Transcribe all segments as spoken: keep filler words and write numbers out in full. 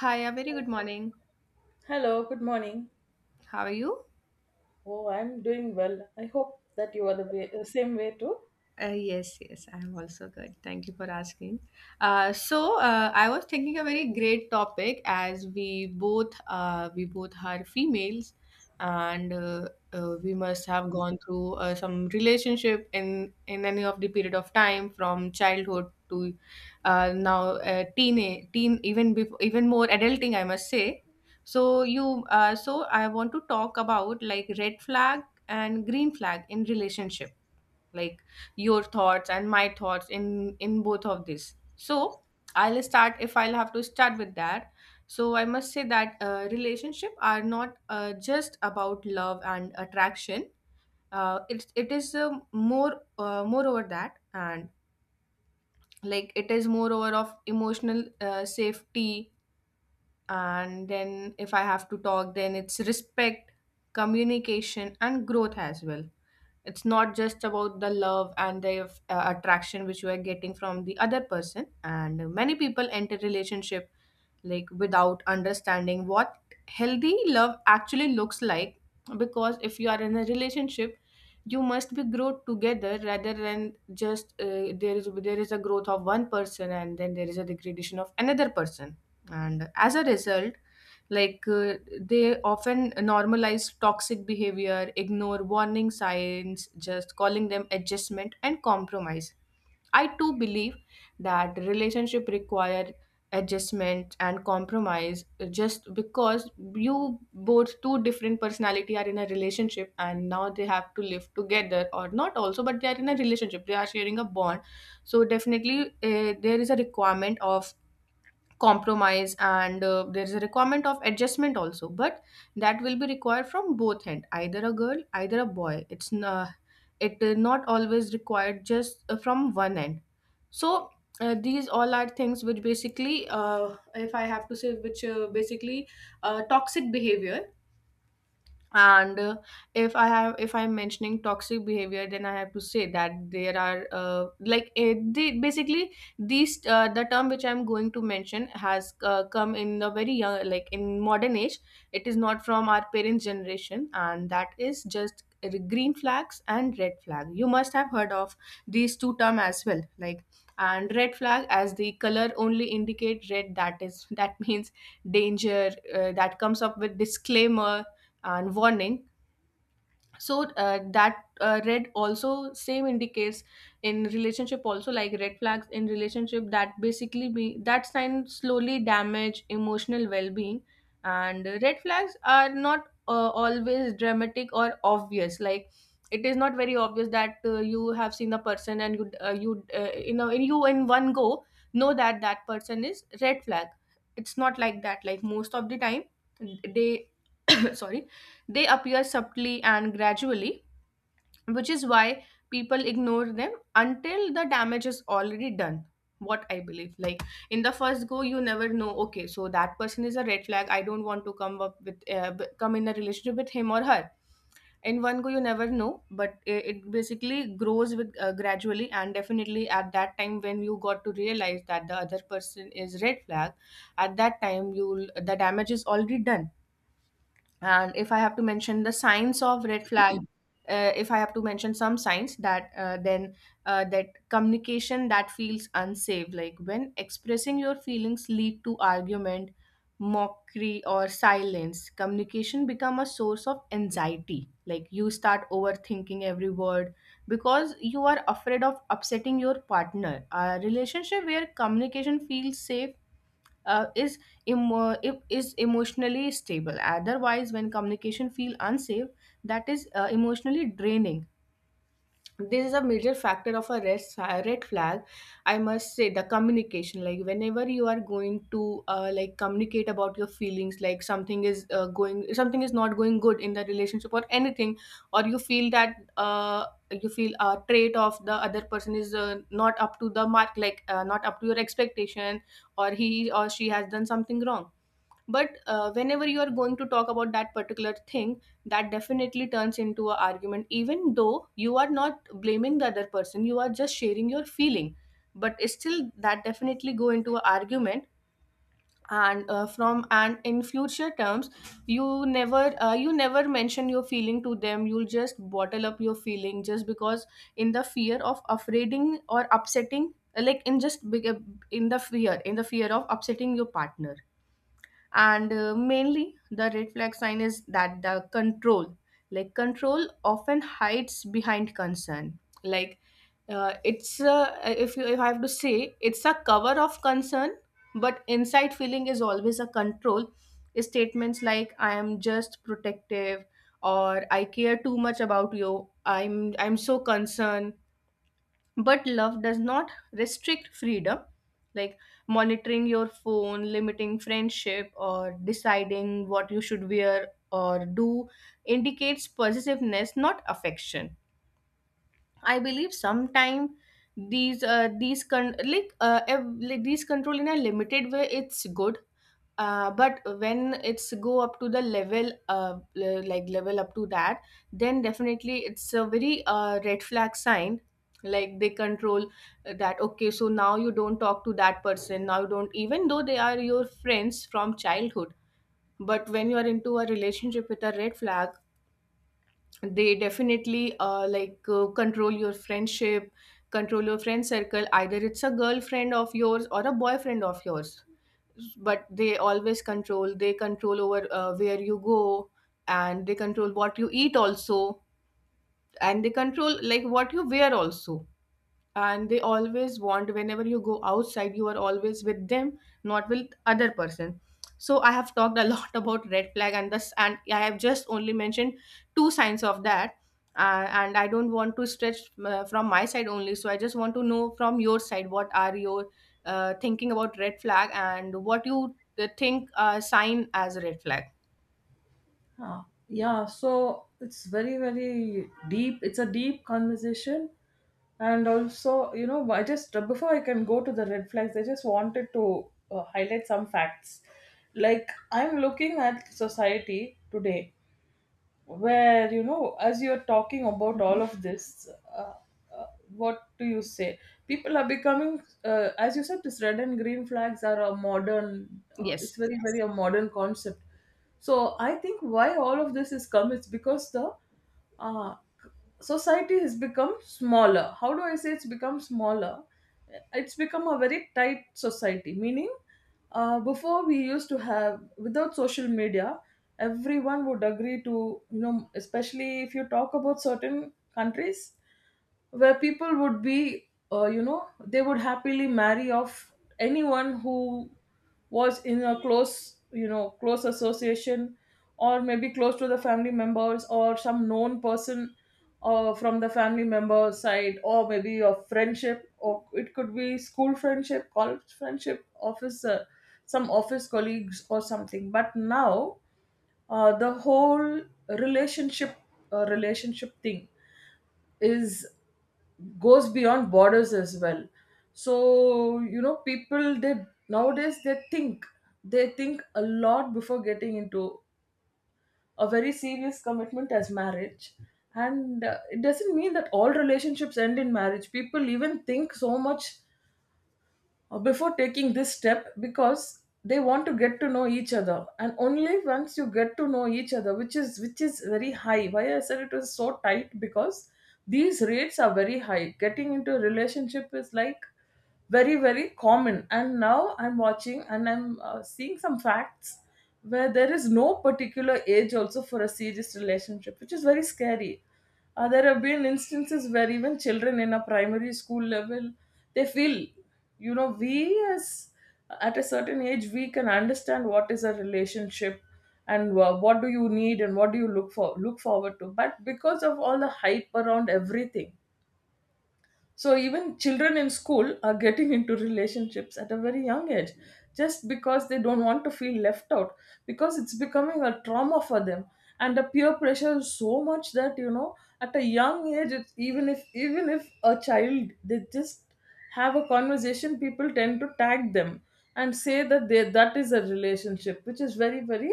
Hi, a very good morning. Hello, good morning. How are you? Oh, I'm doing well. I hope that you are the way, the same way too. Uh, yes, yes, I'm also good. Thank you for asking. Uh, so uh, I was thinking a very great topic, as we both uh, we both are females, and uh, uh, we must have gone through uh, some relationship in in any of the period of time from childhood to uh, now, uh, teen teen even before, even more adulting I must say. So you uh, so I want to talk about like red flag and green flag in relationship, like your thoughts and my thoughts in in both of this. So I'll start, if I'll have to start with that. So I must say that uh, relationship are not uh, just about love and attraction. Uh, it, it is uh, more uh, more over that, and like it is more over of emotional uh, safety. And then if I have to talk, then it's respect, communication and growth as well. It's not just about the love and the uh, attraction which you are getting from the other person, and many people enter relationship like without understanding what healthy love actually looks like. Because if you are in a relationship, you must be grow together rather than just uh, there is there is a growth of one person and then there is a degradation of another person. And as a result, like uh, they often normalize toxic behavior, ignore warning signs, just calling them adjustment and compromise. I too believe that relationship require adjustment and compromise, uh, just because you both two different personality are in a relationship, and now they have to live together or not also, but they are in a relationship, they are sharing a bond. So definitely uh, there is a requirement of compromise, and uh, there's a requirement of adjustment also, but that will be required from both end, either a girl either a boy. It's n- uh, it uh, Not always required just uh, from one end. So uh, these all are things which basically, uh, if I have to say, which uh, basically uh, toxic behavior. And uh, If I have if I'm mentioning toxic behavior, then I have to say that there are uh, like it, the, basically these uh, the term which I'm going to mention has uh, come in a very young, like in modern age. It is not from our parents generation, and that is just green flags and red flag. You must have heard of these two term as well, like. And red flag, as the color only indicate red, that is that means danger, uh, that comes up with disclaimer and warning. So uh, that uh, red also same indicates in relationship also, like red flags in relationship, that basically be that sign slowly damage emotional well-being. And uh, red flags are not uh, always dramatic or obvious. Like, it is not very obvious that uh, you have seen the person and you uh, you uh, you know, in you in one go know that that person is red flag. It's not like that. Like, most of the time they, sorry, they appear subtly and gradually, which is why people ignore them until the damage is already done. What I believe, like, in the first go you never know, okay, so that person is a red flag, I don't want to come up with uh, b- come in a relationship with him or her. In one go you never know, but it, it basically grows with uh, gradually, and definitely at that time when you got to realize that the other person is red flag, at that time you will, the damage is already done. And if I have to mention the signs of red flag, uh, if I have to mention some signs, that uh, then uh, that communication that feels unsafe, like when expressing your feelings lead to argument, mockery or silence, communication become a source of anxiety. Like you start overthinking every word because you are afraid of upsetting your partner. A relationship where communication feels safe uh, is emo- if- is emotionally stable. Otherwise, when communication feel unsafe, that is uh, emotionally draining. This is a major factor of a red, sa- red flag, I must say. The communication, like whenever you are going to uh, like communicate about your feelings, like something is uh, going something is not going good in the relationship or anything, or you feel that uh, you feel a trait of the other person is uh, not up to the mark, like uh, not up to your expectation, or he or she has done something wrong. But uh, whenever you are going to talk about that particular thing, that definitely turns into an argument, even though you are not blaming the other person, you are just sharing your feeling, but still that definitely go into an argument. And uh, from and in future terms, you never uh, you never mention your feeling to them, you'll just bottle up your feeling, just because in the fear of afraiding or upsetting, like in just big in the fear in the fear of upsetting your partner. And uh, mainly the red flag sign is that the control. Like, control often hides behind concern. Like, uh, it's uh, if you if I have to say, it's a cover of concern, but inside feeling is always a control. Statements like "I am just protective" or "I care too much about you, i'm i'm so concerned". But love does not restrict freedom. Like, monitoring your phone, limiting friendship, or deciding what you should wear or do indicates possessiveness, not affection. I believe sometime these uh, these con- like uh, ev- like, these control in a limited way, it's good. Uh, but when it's go up to the level, uh, le- like level up to that, then definitely it's a very uh, red flag sign. Like, they control that, okay, so now you don't talk to that person, now you don't, even though they are your friends from childhood. But when you are into a relationship with a red flag, they definitely uh, like uh, control your friendship, control your friend circle, either it's a girlfriend of yours or a boyfriend of yours. But they always control, they control over uh, where you go, and they control what you eat also, and they control like what you wear also, and they always want, whenever you go outside you are always with them, not with other person. So I have talked a lot about red flag and this, and I have just only mentioned two signs of that. Uh, and I don't want to stretch uh, from my side only, so I just want to know from your side, what are your uh, thinking about red flag and what you uh, think uh, sign as a red flag. Ah, yeah, so it's very, very deep. It's a deep conversation. And also, you know, I just, uh, before I can go to the red flags, I just wanted to uh, highlight some facts. Like, I'm looking at society today where you know as you're talking about all Mhm. of this, uh, uh, what do you say, people are becoming, uh, as you said, this red and green flags are a modern, uh, it's Yes. very, very a modern concept. So I think why all of this has come is because the, uh, society has become smaller. How do I say? It's become smaller. It's become a very tight society, meaning uh, before we used to have, without social media, everyone would agree to, you know, especially if you talk about certain countries where people would be, uh, you know, they would happily marry off anyone who was in a close, you know, close association, or maybe close to the family members or some known person uh, from the family member side, or maybe a friendship, or it could be school friendship, college friendship, office, uh, some office colleagues or something. But now uh, the whole relationship, uh, relationship thing is, goes beyond borders as well. So you know, people, they nowadays, they think they think a lot before getting into a very serious commitment as marriage. And uh, it doesn't mean that all relationships end in marriage. People even think so much uh, before taking this step, because they want to get to know each other, and only once you get to know each other, which is which is very high. Why I said it was so tight, because these rates are very high. Getting into a relationship is like very, very common. And now I'm watching, and I'm uh, seeing some facts where there is no particular age also for a serious relationship, which is very scary. Uh, there have been instances where even children in a primary school level, they feel, you know, we, as at a certain age, we can understand what is a relationship, and wha- what do you need, and what do you look for, look forward to. But because of all the hype around everything, so even children in school are getting into relationships at a very young age, just because they don't want to feel left out, because it's becoming a trauma for them. And the peer pressure is so much that, you know, at a young age, it's, even if even if a child, they just have a conversation, people tend to tag them and say that they, that is a relationship, which is very, very,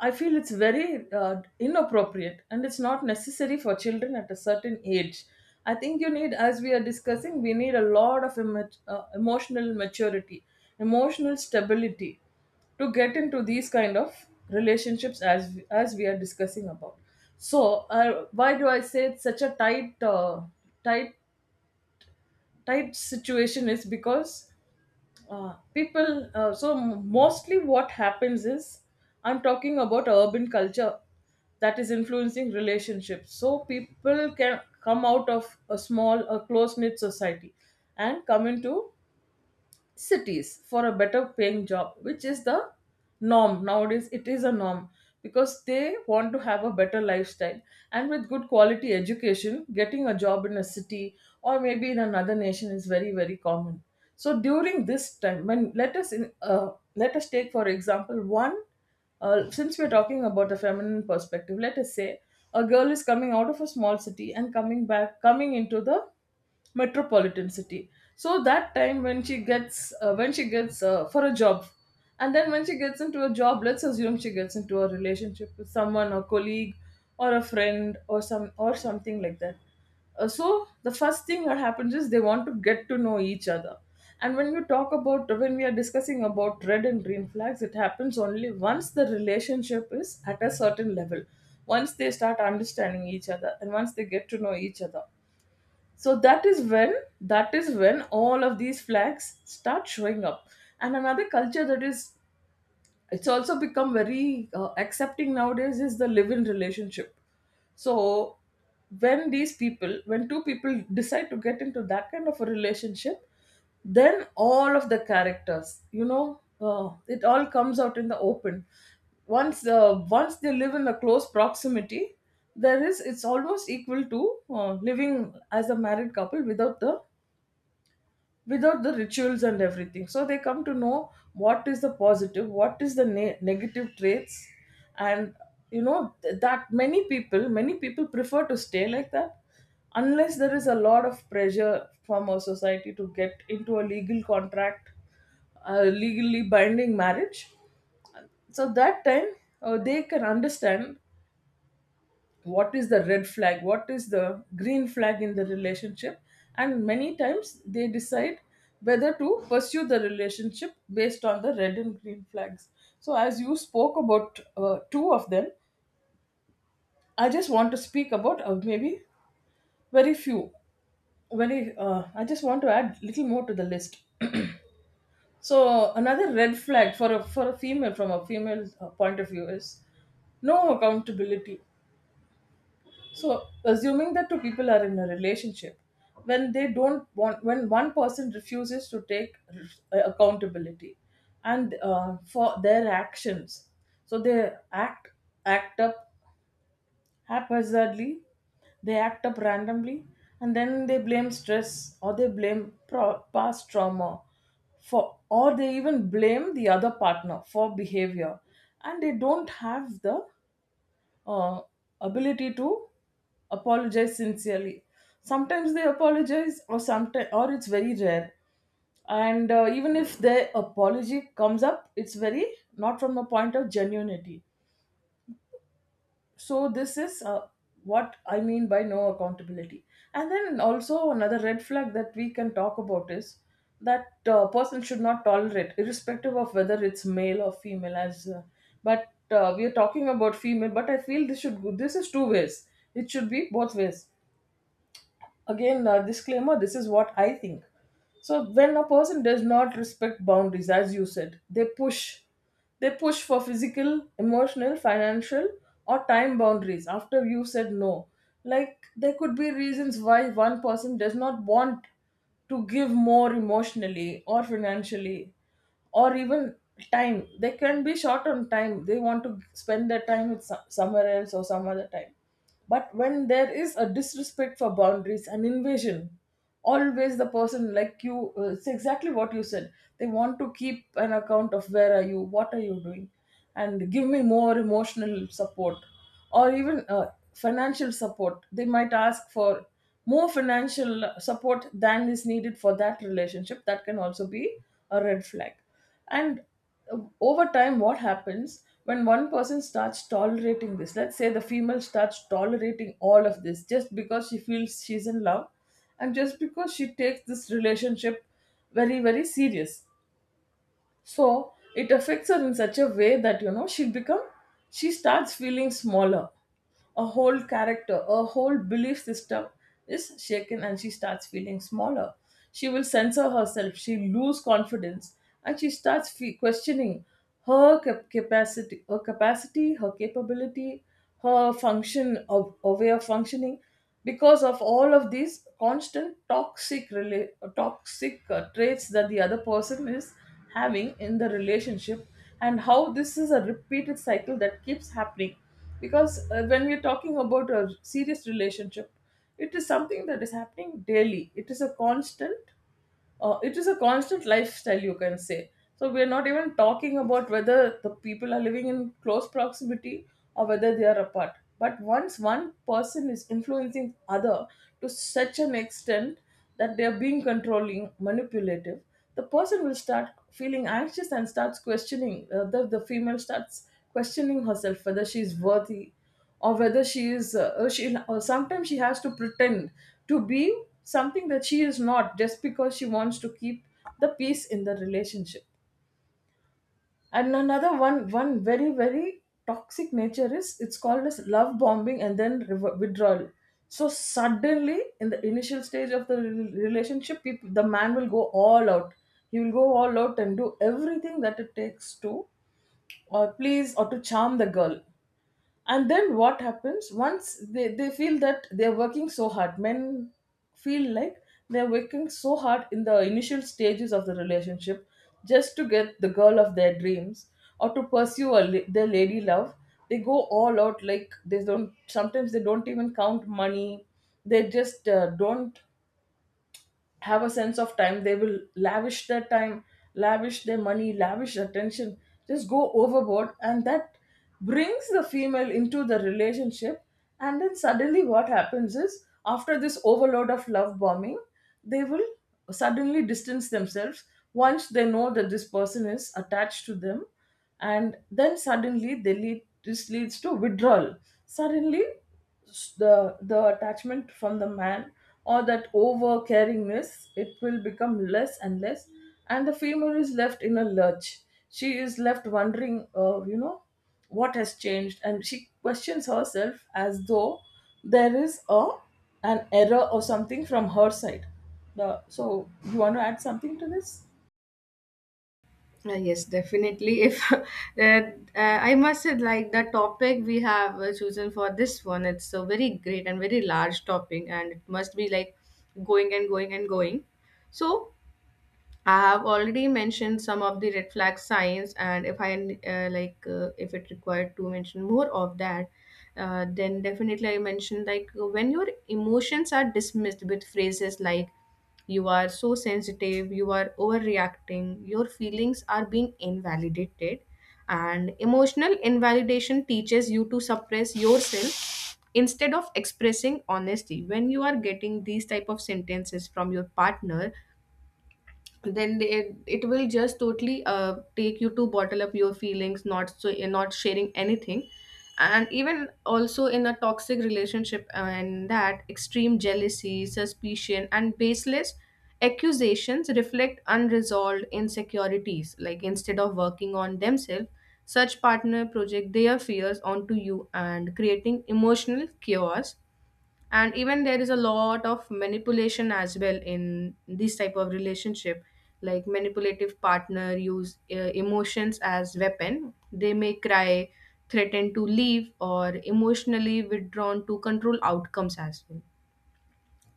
I feel it's very uh, inappropriate, and it's not necessary for children at a certain age. I think you need, as we are discussing, we need a lot of emo- uh, emotional maturity, emotional stability to get into these kind of relationships, as as we are discussing about. So, uh, why do I say it's such a tight, uh, tight, tight situation? Is because uh, people, uh, so mostly what happens is, I'm talking about urban culture that is influencing relationships. So people can come out of a small, a close knit society, and come into cities for a better paying job, which is the norm nowadays. It is a norm, because they want to have a better lifestyle, and with good quality education, getting a job in a city or maybe in another nation is very, very common. So during this time, when let us in, uh, let us take for example one uh, since we're talking about the feminine perspective, let us say a girl is coming out of a small city, and coming back coming into the metropolitan city. So that time when she gets, uh, when she gets uh, for a job, and then when she gets into a job, let's assume she gets into a relationship with someone, a colleague or a friend or some, or something like that. Uh, so the first thing that happens is, they want to get to know each other, and when you talk about, when we are discussing about red and green flags, it happens only once the relationship is at a certain level, once they start understanding each other and once they get to know each other. So that is when, that is when all of these flags start showing up. And another culture that is, it's also become very uh, accepting nowadays, is the live in relationship. So when these people, when two people decide to get into that kind of a relationship, then all of the characters, you know, uh, it all comes out in the open once, uh, once they live in a close proximity. There is, it's almost equal to uh, living as a married couple without the, without the rituals and everything. So they come to know what is the positive, what is the ne- negative traits. And you know, th- that many people, many people prefer to stay like that, unless there is a lot of pressure from our society to get into a legal contract, a legally binding marriage. So that time uh, they can understand what is the red flag, what is the green flag in the relationship. And many times they decide whether to pursue the relationship based on the red and green flags. So as you spoke about uh, two of them, I just want to speak about uh, maybe very few, very uh, I just want to add little more to the list. So another red flag for a for a female, from a female uh, point of view, is no accountability. So, assuming that two people are in a relationship, when they don't want, when one person refuses to take r- accountability and uh, for their actions, so they act act up haphazardly, they act up randomly, and then they blame stress, or they blame pro- past trauma for, or they even blame the other partner for behavior, and they don't have the uh, ability to apologize sincerely. Sometimes they apologize, or sometimes, or it's very rare. And uh, even if their apology comes up, it's very not from a point of genuinity. So this is uh, what I mean by no accountability. And then also, another red flag that we can talk about is that uh, person should not tolerate, irrespective of whether it's male or female, as uh, but uh, we are talking about female, but I feel this should go, this is two ways, it should be both ways. Again, uh, disclaimer, this is what I think. So when a person does not respect boundaries, as you said, they push they push for physical, emotional, financial, or time boundaries after you said no. Like, there could be reasons why one person does not want to give more emotionally or financially, or even time. They can be short on time. They want to spend their time with some, somewhere else or some other time. But when there is a disrespect for boundaries, an invasion, always the person, like you, uh, it's exactly what you said, they want to keep an account of where are you, what are you doing, and give me more emotional support, or even uh, financial support, they might ask for more financial support than is needed for that relationship. That can also be a red flag. And uh, over time, what happens when one person starts tolerating this, let's say the female starts tolerating all of this just because she feels she's in love, and just because she takes this relationship very, very serious. So it affects her in such a way that, you know, she become, she starts feeling smaller. A whole character, a whole belief system is shaken, and she starts feeling smaller. She will censor herself, she lose confidence and she starts fe- questioning her cap- capacity, her capacity, her capability, her function of her way of functioning because of all of these constant toxic rela- toxic uh, traits that the other person is having in the relationship, and how this is a repeated cycle that keeps happening. Because uh, when we're talking about a serious relationship, it is something that is happening daily. It is a constant, uh, it is a constant lifestyle, you can say. So we are not even talking about whether the people are living in close proximity or whether they are apart, but once one person is influencing other to such an extent that they are being controlling, manipulative, the person will start feeling anxious and starts questioning, uh, the, the female starts questioning herself whether she is worthy or whether she is uh, uh, she, or sometimes she has to pretend to be something that she is not, just because she wants to keep the peace in the relationship. And another one one very, very toxic nature is, it's called as love bombing and then rever- withdrawal. So suddenly in the initial stage of the rel- relationship, people, the man will go all out. He will go all out and do everything that it takes to, or please, or to charm the girl. And then what happens, once they, they feel that they're working so hard, men feel like they're working so hard in the initial stages of the relationship just to get the girl of their dreams or to pursue a, la- their lady love. They go all out, like they don't, sometimes they don't even count money. They just uh, don't have a sense of time. They will lavish their time, lavish their money, lavish attention, just go overboard, and that brings the female into the relationship. And then suddenly what happens is, after this overload of love bombing, they will suddenly distance themselves once they know that this person is attached to them. And then suddenly they lead this leads to withdrawal. Suddenly, s- the the attachment from the man or that over caringness, it will become less and less, and the female is left in a lurch. She is left wondering, uh, you know, what has changed, and she questions herself as though there is a, an error or something from her side. The so You want to add something to this? Uh, yes, definitely. If uh, uh, I must say, like the topic we have uh, chosen for this one, it's a very great and very large topic, and it must be like going and going and going. So I have already mentioned some of the red flag signs, and if I uh, like, uh, if it required to mention more of that, uh, then definitely I mentioned, like when your emotions are dismissed with phrases like "you are so sensitive", "you are overreacting", "your feelings are being invalidated", and emotional invalidation teaches you to suppress yourself instead of expressing honesty. When you are getting these type of sentences from your partner, then they, it, it will just totally uh, take you to bottle up your feelings, not so not sharing anything. And even also in a toxic relationship, uh, and that extreme jealousy, suspicion and baseless accusations reflect unresolved insecurities. Like, instead of working on themselves, such partner project their fears onto you and creating emotional chaos. And even there is a lot of manipulation as well in this type of relationship. Like, manipulative partner use uh, emotions as weapon, they may cry, threaten to leave, or emotionally withdrawn to control outcomes as well.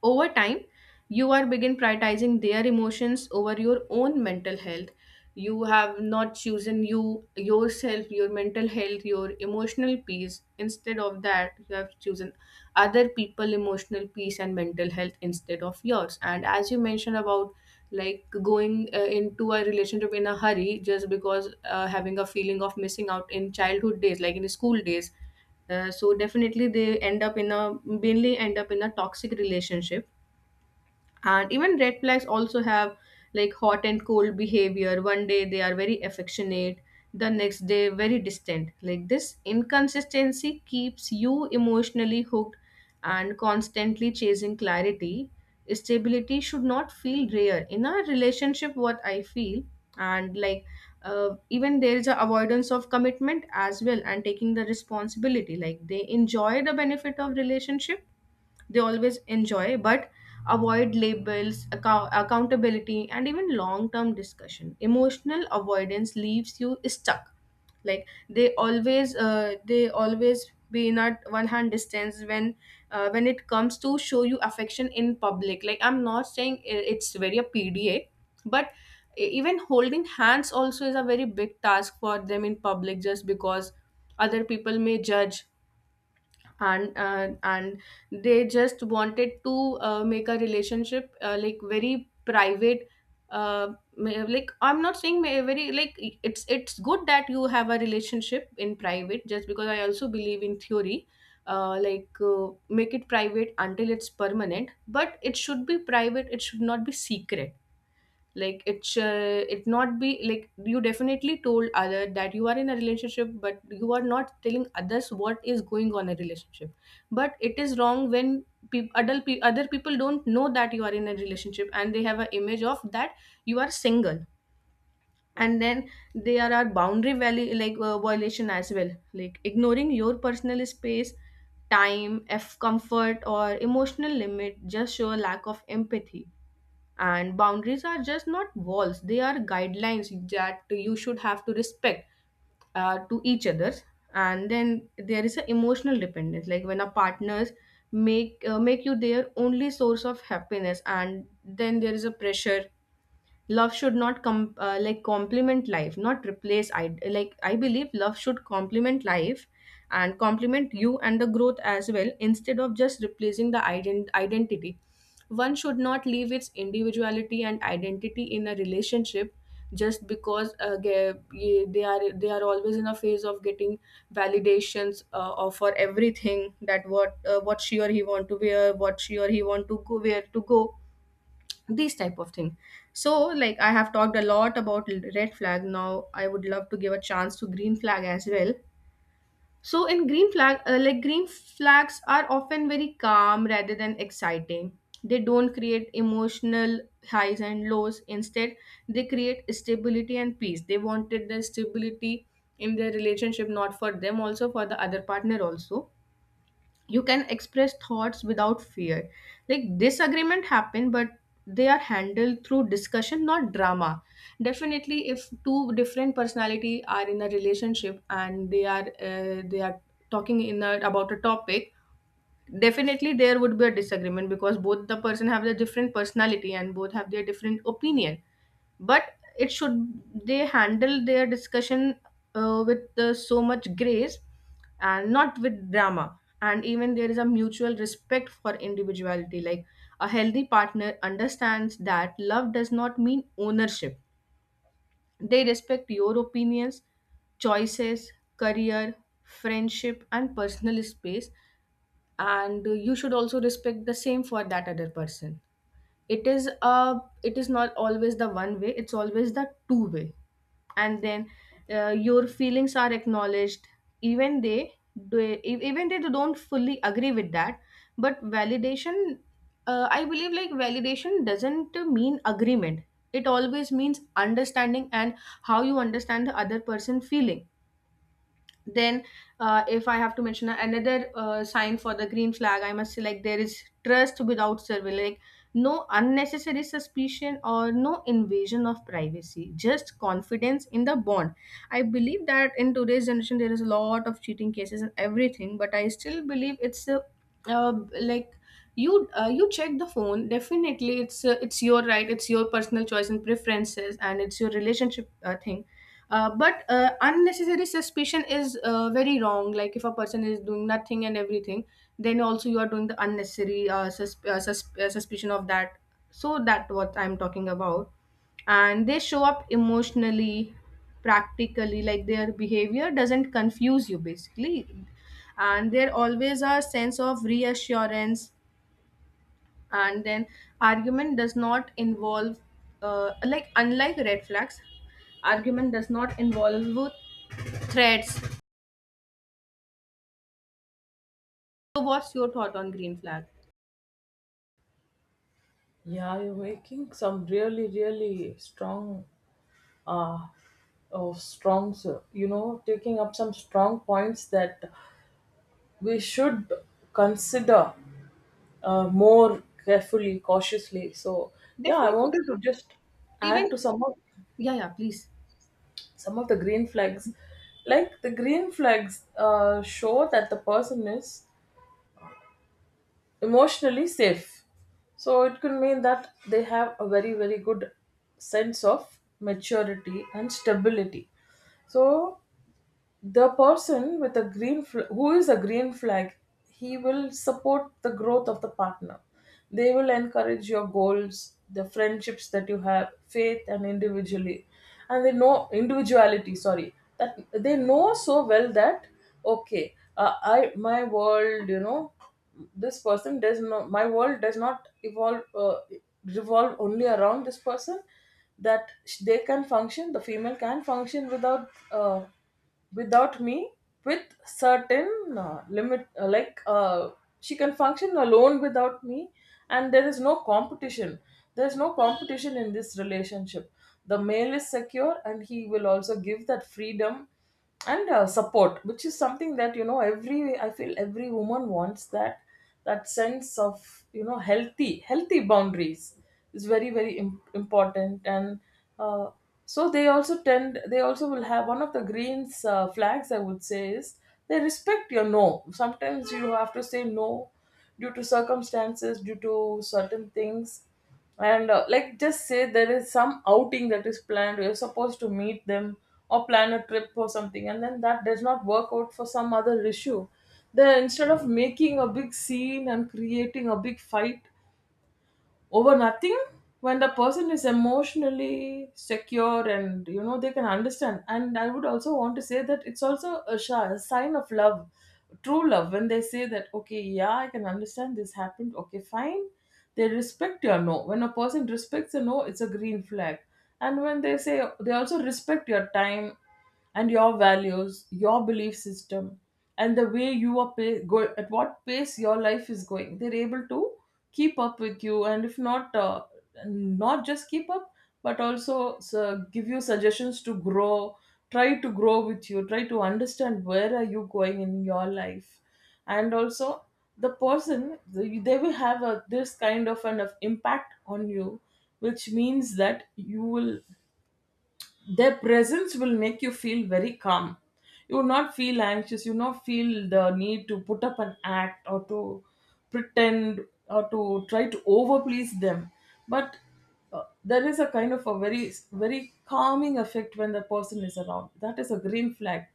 Over time, you are begin prioritizing their emotions over your own mental health. You have not chosen you yourself, your mental health, your emotional peace. Instead of that, you have chosen other people emotional peace and mental health instead of yours. And as you mentioned about like going uh, into a relationship in a hurry just because uh, having a feeling of missing out in childhood days, like in school days. Uh, so definitely they end up in a mainly end up in a toxic relationship. And even red flags also have like hot and cold behavior. One day they are very affectionate, the next day very distant. Like this inconsistency keeps you emotionally hooked and constantly chasing clarity. Stability should not feel rare in a relationship, what I feel. And like uh, even there is a avoidance of commitment as well and taking the responsibility. Like they enjoy the benefit of relationship, they always enjoy, but avoid labels, accou- accountability, and even long term discussion. Emotional avoidance leaves you stuck. Like they always uh, they always be in at one hand distance when uh, when it comes to show you affection in public. Like I'm not saying i- it's very a pda, but e- even holding hands also is a very big task for them in public, just because other people may judge. And uh, and they just wanted to uh, make a relationship uh, like very private. uh, ma- like I'm not saying ma- very like it's it's good that you have a relationship in private, just because I also believe in theory, uh, like uh, make it private until it's permanent. But it should be private, it should not be secret. Like it sh- it not be like you definitely told other that you are in a relationship, but you are not telling others what is going on in a relationship. But it is wrong when peop adult pe- other people don't know that you are in a relationship and they have an image of that you are single. And then there are boundary value like uh, violation as well, like ignoring your personal space, time, f comfort or emotional limit just show a lack of empathy. And boundaries are just not walls, they are guidelines that you should have to respect uh, to each other. And then there is an emotional dependence, like when a partners make uh, make you their only source of happiness, and then there is a pressure. Love should not com- uh, like complement life not replace. i like I believe love should complement life and complement you and the growth as well, instead of just replacing the ident- identity. One should not leave its individuality and identity in a relationship, just because uh, ge- ye- they are they are always in a phase of getting validations uh, of for everything that what uh, what she or he want to wear, what she or he want to go, where to go, these type of thing. So like I have talked a lot about l- red flag, now I would love to give a chance to green flag as well. So in green flag, uh, like green flags are often very calm rather than exciting. They don't create emotional highs and lows, instead they create stability and peace. They wanted the stability in their relationship, not for them, also for the other partner also. You can express thoughts without fear, like disagreement happen, but they are handled through discussion not drama. Definitely if two different personality are in a relationship and they are uh, they are talking in a, about a topic, definitely there would be a disagreement because both the person have their different personality and both have their different opinion. But it should, they handle their discussion uh, with uh, so much grace and not with drama. And even there is a mutual respect for individuality, like a healthy partner understands that love does not mean ownership. They respect your opinions, choices, career, friendship and personal space. And uh, you should also respect the same for that other person. It is a. It is not always the one way, it's always the two way. And then uh, your feelings are acknowledged, even they do e- even they don't fully agree with that, but validation, uh, I believe like validation doesn't mean agreement, it always means understanding and how you understand the other person feeling. Then uh, if I have to mention another uh, sign for the green flag, I must say like there is trust without surveillance, like no unnecessary suspicion or no invasion of privacy, just confidence in the bond. I believe that in today's generation there is a lot of cheating cases and everything, but I still believe it's a, uh, like you uh, you check the phone definitely, it's uh, it's your right, it's your personal choice and preferences and it's your relationship uh, thing. Uh, but uh, unnecessary suspicion is uh, very wrong. Like if a person is doing nothing and everything, then also you are doing the unnecessary uh, susp- uh, susp- uh, suspicion of that. So that what I'm talking about. And they show up emotionally, practically, like their behavior doesn't confuse you basically. And there always a sense of reassurance. And then argument does not involve, uh, like unlike red flags, argument does not involve threats. So what's your thought on green flag? Yeah, you're making some really, really strong, uh, oh, strong, so- you know, taking up some strong points that we should consider uh, more carefully, cautiously. So, yeah, I wanted to Definitely. just add Even. to some of Yeah, yeah, please. some of the green flags. Like the green flags uh, show that the person is emotionally safe. So it could mean that they have a very, very good sense of maturity and stability. So the person with a green fl- who is a green flag, he will support the growth of the partner. They will encourage your goals, the friendships that you have, faith and individually, and they know, individuality, sorry, that they know so well that okay, uh, I, my world you know this person does not my world does not evolve uh, revolve only around this person. That sh- they can function, the female can function without uh, without me, with certain uh, limit, uh, like uh, she can function alone without me. And there is no competition, there is no competition in this relationship. The male is secure and he will also give that freedom and uh, support, which is something that, you know, every, I feel every woman wants that, that sense of, you know, healthy, healthy boundaries is very, very im- important. And uh, so they also tend, they also will have, one of the greens uh, flags I would say is, they respect your no. Sometimes you have to say no due to circumstances, due to certain things. And uh, like, just say there is some outing that is planned, you're supposed to meet them, or plan a trip or something, and then that does not work out for some other issue, then instead of making a big scene and creating a big fight over nothing, when the person is emotionally secure, and you know, they can understand. And I would also want to say that it's also a, sh- a sign of love, true love, when they say that okay, yeah, I can understand this happened, okay, fine. They respect your no. When a person respects a no, it's a green flag. And when they say, they also respect your time and your values, your belief system, and the way you are, pa- go at what pace your life is going. They're able to keep up with you, and if not, uh, not just keep up, but also so, give you suggestions to grow. Try to grow with you. Try to understand where are you going in your life, and also the person, the- they will have a, this kind of an of impact on you, which means that you will, their presence will make you feel very calm. You will not feel anxious. You will not feel the need to put up an act or to pretend or to try to overplease them. But uh, there is a kind of a very, very calming effect when the person is around. That is a green flag.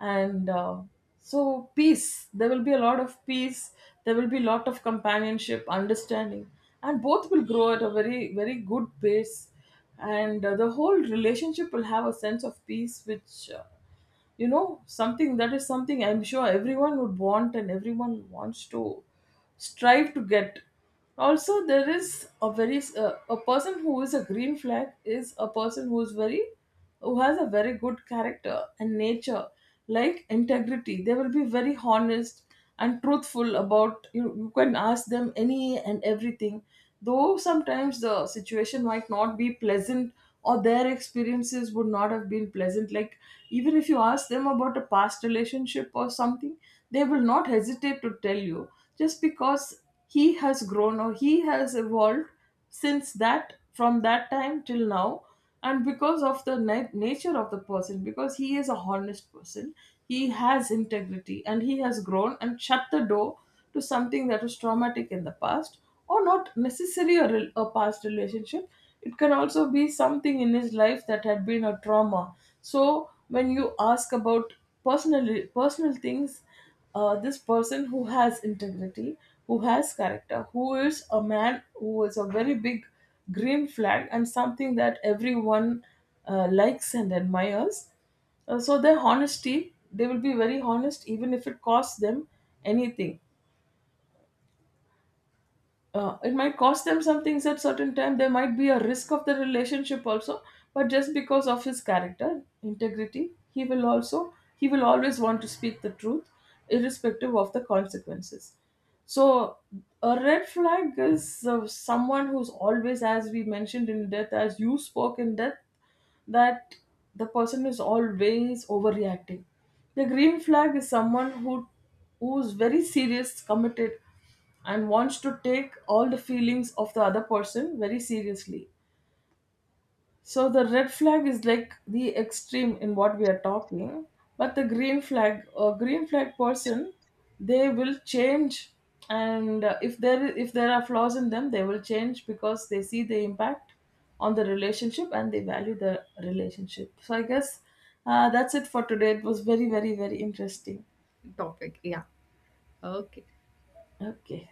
And uh, so peace, there will be a lot of peace, there will be a lot of companionship, understanding, and both will grow at a very, very good pace. And uh, the whole relationship will have a sense of peace, which, uh, you know, something that is something I'm sure everyone would want and everyone wants to strive to get. Also, there is a very uh, a person who is a green flag is a person who is very, who has a very good character and nature, like integrity. They will be very honest and truthful about you. You can ask them any and everything, though sometimes the situation might not be pleasant, or their experiences would not have been pleasant. Like, even if you ask them about a past relationship or something, they will not hesitate to tell you, just because he has grown or he has evolved since that, from that time till now, and because of the na- nature of the person, because he is a honest person, he has integrity, and he has grown and shut the door to something that was traumatic in the past, or not necessarily a, rel- a past relationship. It can also be something in his life that had been a trauma. So when you ask about personal personal things, uh, this person who has integrity, who has character, who is a man, who is a very big green flag, and something that everyone uh, likes and admires. Uh, so their honesty, they will be very honest even if it costs them anything. Uh, it might cost them some things, at certain time there might be a risk of the relationship also, but just because of his character, integrity, he will also, he will always want to speak the truth irrespective of the consequences. So a red flag is uh, someone who's always, as we mentioned in death, as you spoke in death, that the person is always overreacting. The green flag is someone who, who's very serious, committed, and wants to take all the feelings of the other person very seriously. So the red flag is like the extreme in what we are talking, but the green flag, a green flag person, they will change, and uh, if there if there are flaws in them, they will change because they see the impact on the relationship and they value the relationship. So I guess uh, that's it for today. It was very, very, very interesting. Topic, yeah. Okay. Okay.